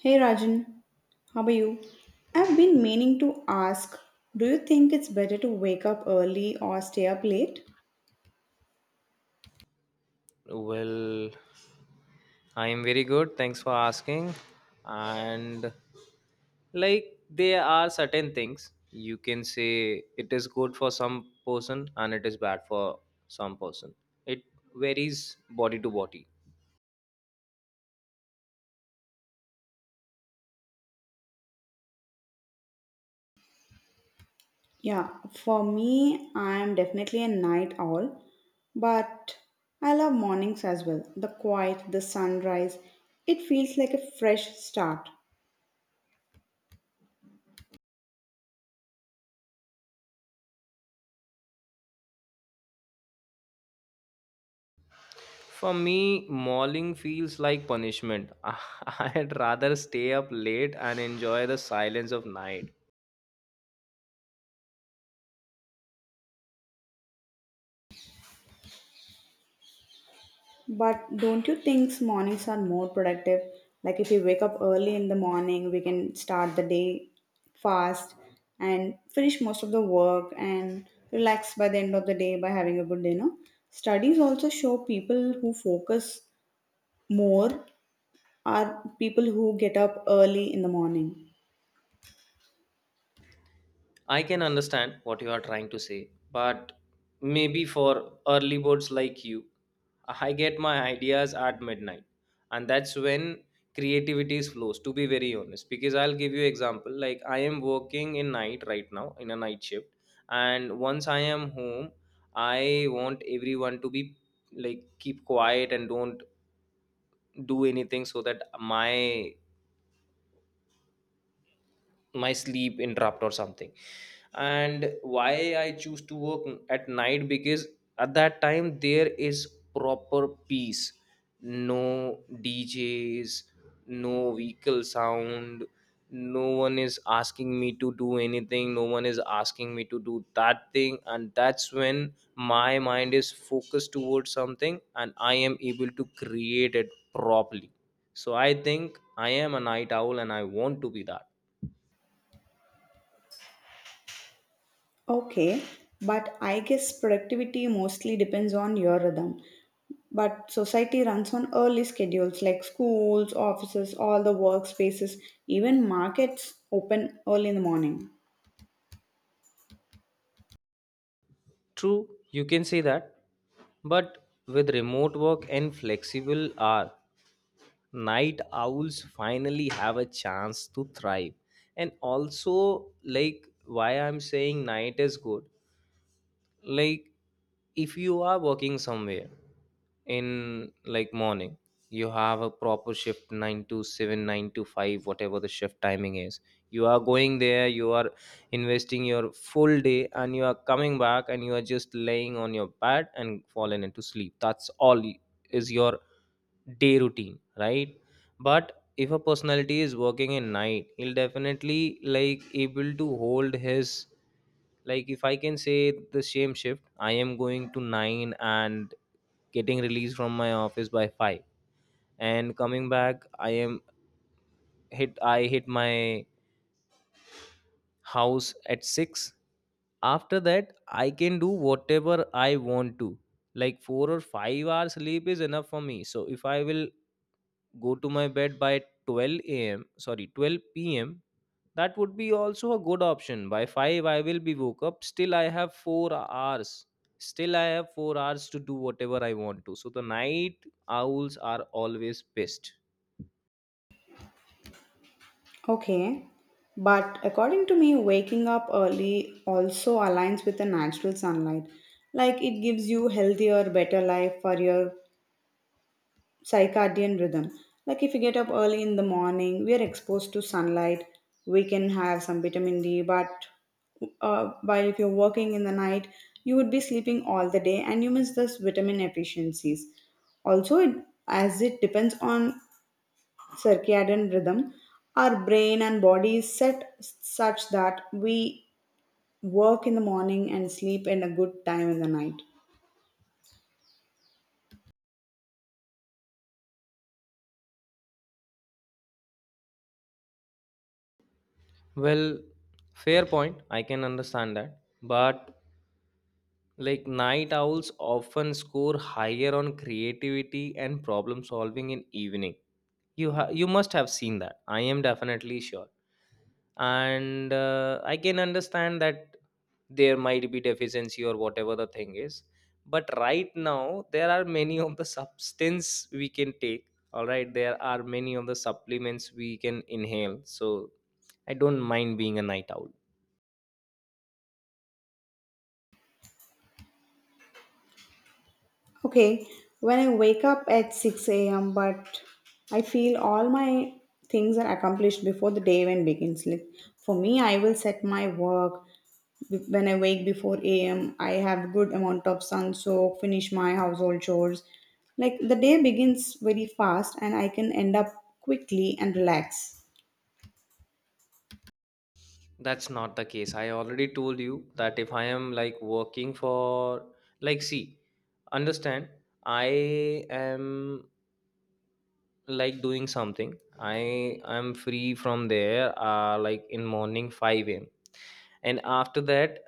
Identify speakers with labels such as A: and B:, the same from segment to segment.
A: Hey Rajan, how are you? I've been meaning to ask, do you think it's better to wake up early or stay up late?
B: Well, I am very good. Thanks for asking. And like there are certain things you can say it is good for some person and it is bad for some person. It varies body to body.
A: Yeah, for me, I'm definitely a night owl, but I love mornings as well. The quiet, the sunrise, it feels like a fresh start.
B: For me, mauling feels like punishment. I'd rather stay up late and enjoy the silence of night.
A: But don't you think mornings are more productive? Like if you wake up early in the morning, we can start the day fast and finish most of the work and relax by the end of the day by having a good dinner. Studies also show people who focus more are people who get up early in the morning.
B: I can understand what you are trying to say, but maybe for early birds like you, I get my ideas at midnight, and that's when creativity flows. To be very honest, because I'll give you example. Like I am working in night right now in a night shift, and once I am home, I want everyone to be like keep quiet and don't do anything so that my sleep interrupt or something. And why I choose to work at night, because at that time there is proper peace. No DJs, no vehicle sound, no one is asking me to do anything, no one is asking me to do that thing. And that's when my mind is focused towards something and I am able to create it properly. So I think I am a night owl and I want to be that.
A: Okay, but I guess productivity mostly depends on your rhythm. But society runs on early schedules like schools, offices, all the workspaces, even markets open early in the morning.
B: True, you can say that, but with remote work and flexible hour, night owls finally have a chance to thrive. And also, like why I'm saying night is good, like if you are working somewhere in like morning, you have a proper shift 9 to 7, 9 to 5, whatever the shift timing is. You are going there, you are investing your full day, and you are coming back and you are just laying on your bed and falling into sleep. That's all is your day routine, right? But if a personality is working in night, he'll definitely like able to hold his, like if I can say, the same shift, I am going to 9 and getting released from my office by 5, and coming back I hit my house at 6. After that I can do whatever I want to. Like 4 or 5 hours sleep is enough for me. So if I will go to my bed by 12 a.m., sorry, 12 p.m., that would be also a good option. By 5 I will be woke up, still I have 4 hours to do whatever I want to. So the night owls are always best.
A: Okay. But according to me, waking up early also aligns with the natural sunlight. Like it gives you healthier, better life for your circadian rhythm. Like if you get up early in the morning, we are exposed to sunlight. We can have some vitamin D, but while if you're working in the night, you would be sleeping all the day and you miss this vitamin efficiencies. Also, it, as it depends on circadian rhythm, our brain and body is set such that we work in the morning and sleep in a good time in the night.
B: Well, fair point, I can understand that, but like night owls often score higher on creativity and problem solving in evening. You must have seen that. I am definitely sure, and I can understand that there might be deficiency or whatever the thing is. But right now there are many of the substance we can take. All right, there are many of the supplements we can inhale. So I don't mind being a night owl.
A: Okay, when I wake up at 6 a.m., but I feel all my things are accomplished before the day even begins. Like for me, I will set my work when I wake before a.m. I have good amount of sun, so finish my household chores. Like the day begins very fast, and I can end up quickly and relax.
B: That's not the case. I already told you that if I am like working for, like, see, understand, I am like doing something. I am free from there, like in morning 5 a.m. And after that,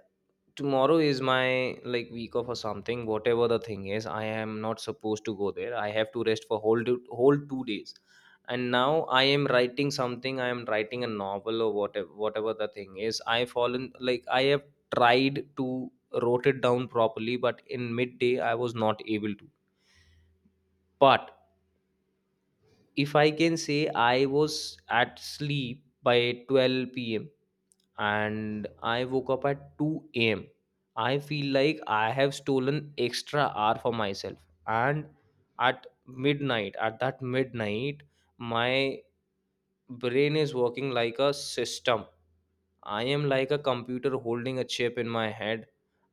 B: tomorrow is my like week off or something, whatever the thing is. I am not supposed to go there. I have to rest for whole 2 days. And now I am writing something, I am writing a novel or whatever the thing is. I fallen like I have tried to wrote it down properly but in midday I was not able to. But if I can say, I was at sleep by 12 p.m. and I woke up at 2 a.m. I feel like I have stolen extra hour for myself. And at midnight, at that midnight, my brain is working like a system. I am like a computer holding a chip in my head,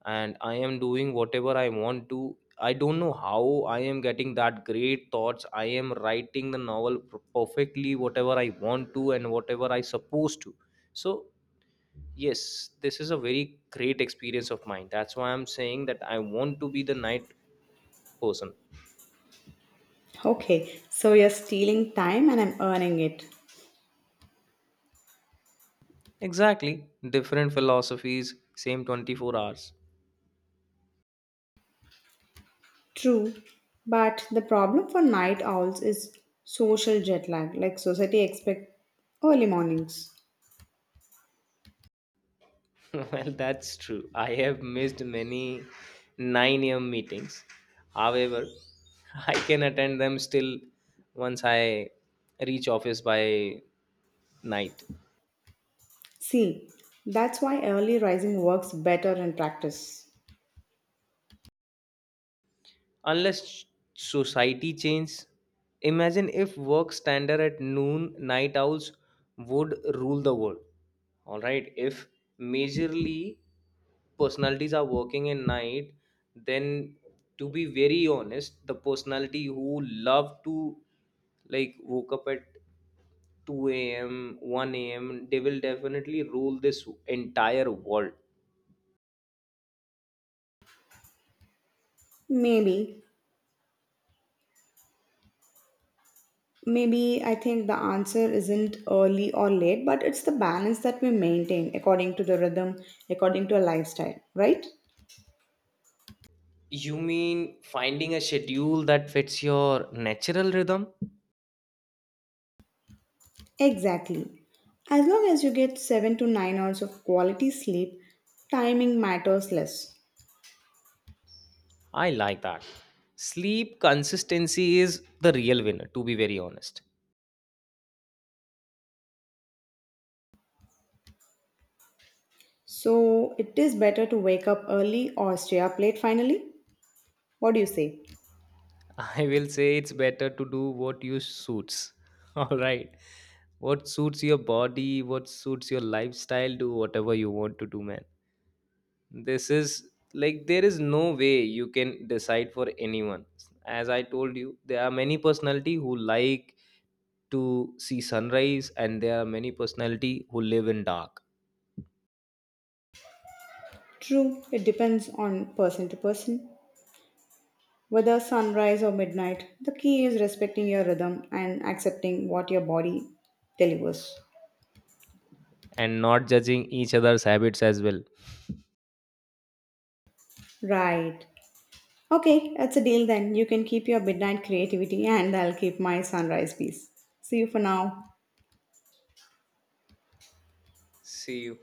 B: and I am doing whatever I want to. I don't know how I am getting that great thoughts. I am writing the novel perfectly, whatever I want to and whatever I supposed to. So yes, this is a very great experience of mine. That's why I'm saying that I want to be the night person.
A: Okay, so you're stealing time, and I'm earning it.
B: Exactly. Different philosophies, same 24 hours.
A: True, but the problem for night owls is social jet lag, like society expect early mornings.
B: Well, that's true. I have missed many 9 a.m. meetings. However, I can attend them still once I reach office by night.
A: See, that's why early rising works better in practice.
B: Unless society changes, imagine if work standard at noon, night owls would rule the world. All right, if majorly personalities are working in night, then to be very honest, the personality who love to like woke up at 2 a.m., 1 a.m., they will definitely rule this entire world.
A: Maybe, maybe I think the answer isn't early or late, but it's the balance that we maintain according to the rhythm, according to a lifestyle, right?
B: You mean finding a schedule that fits your natural rhythm?
A: Exactly. As long as you get 7 to 9 hours of quality sleep, timing matters less.
B: I like that. Sleep consistency is the real winner, to be very honest.
A: So it is better to wake up early or stay up late finally? What do you say?
B: I will say it's better to do what you suits. All right. What suits your body, what suits your lifestyle, do whatever you want to do, man. This is like there is no way you can decide for anyone. As I told you, there are many personality who like to see sunrise and there are many personality who live in dark.
A: True, it depends on person to person. Whether sunrise or midnight, the key is respecting your rhythm and accepting what your body delivers.
B: And not judging each other's habits as well.
A: Right. Okay, that's a deal then. You can keep your midnight creativity and I'll keep my sunrise peace. See you for now.
B: See you.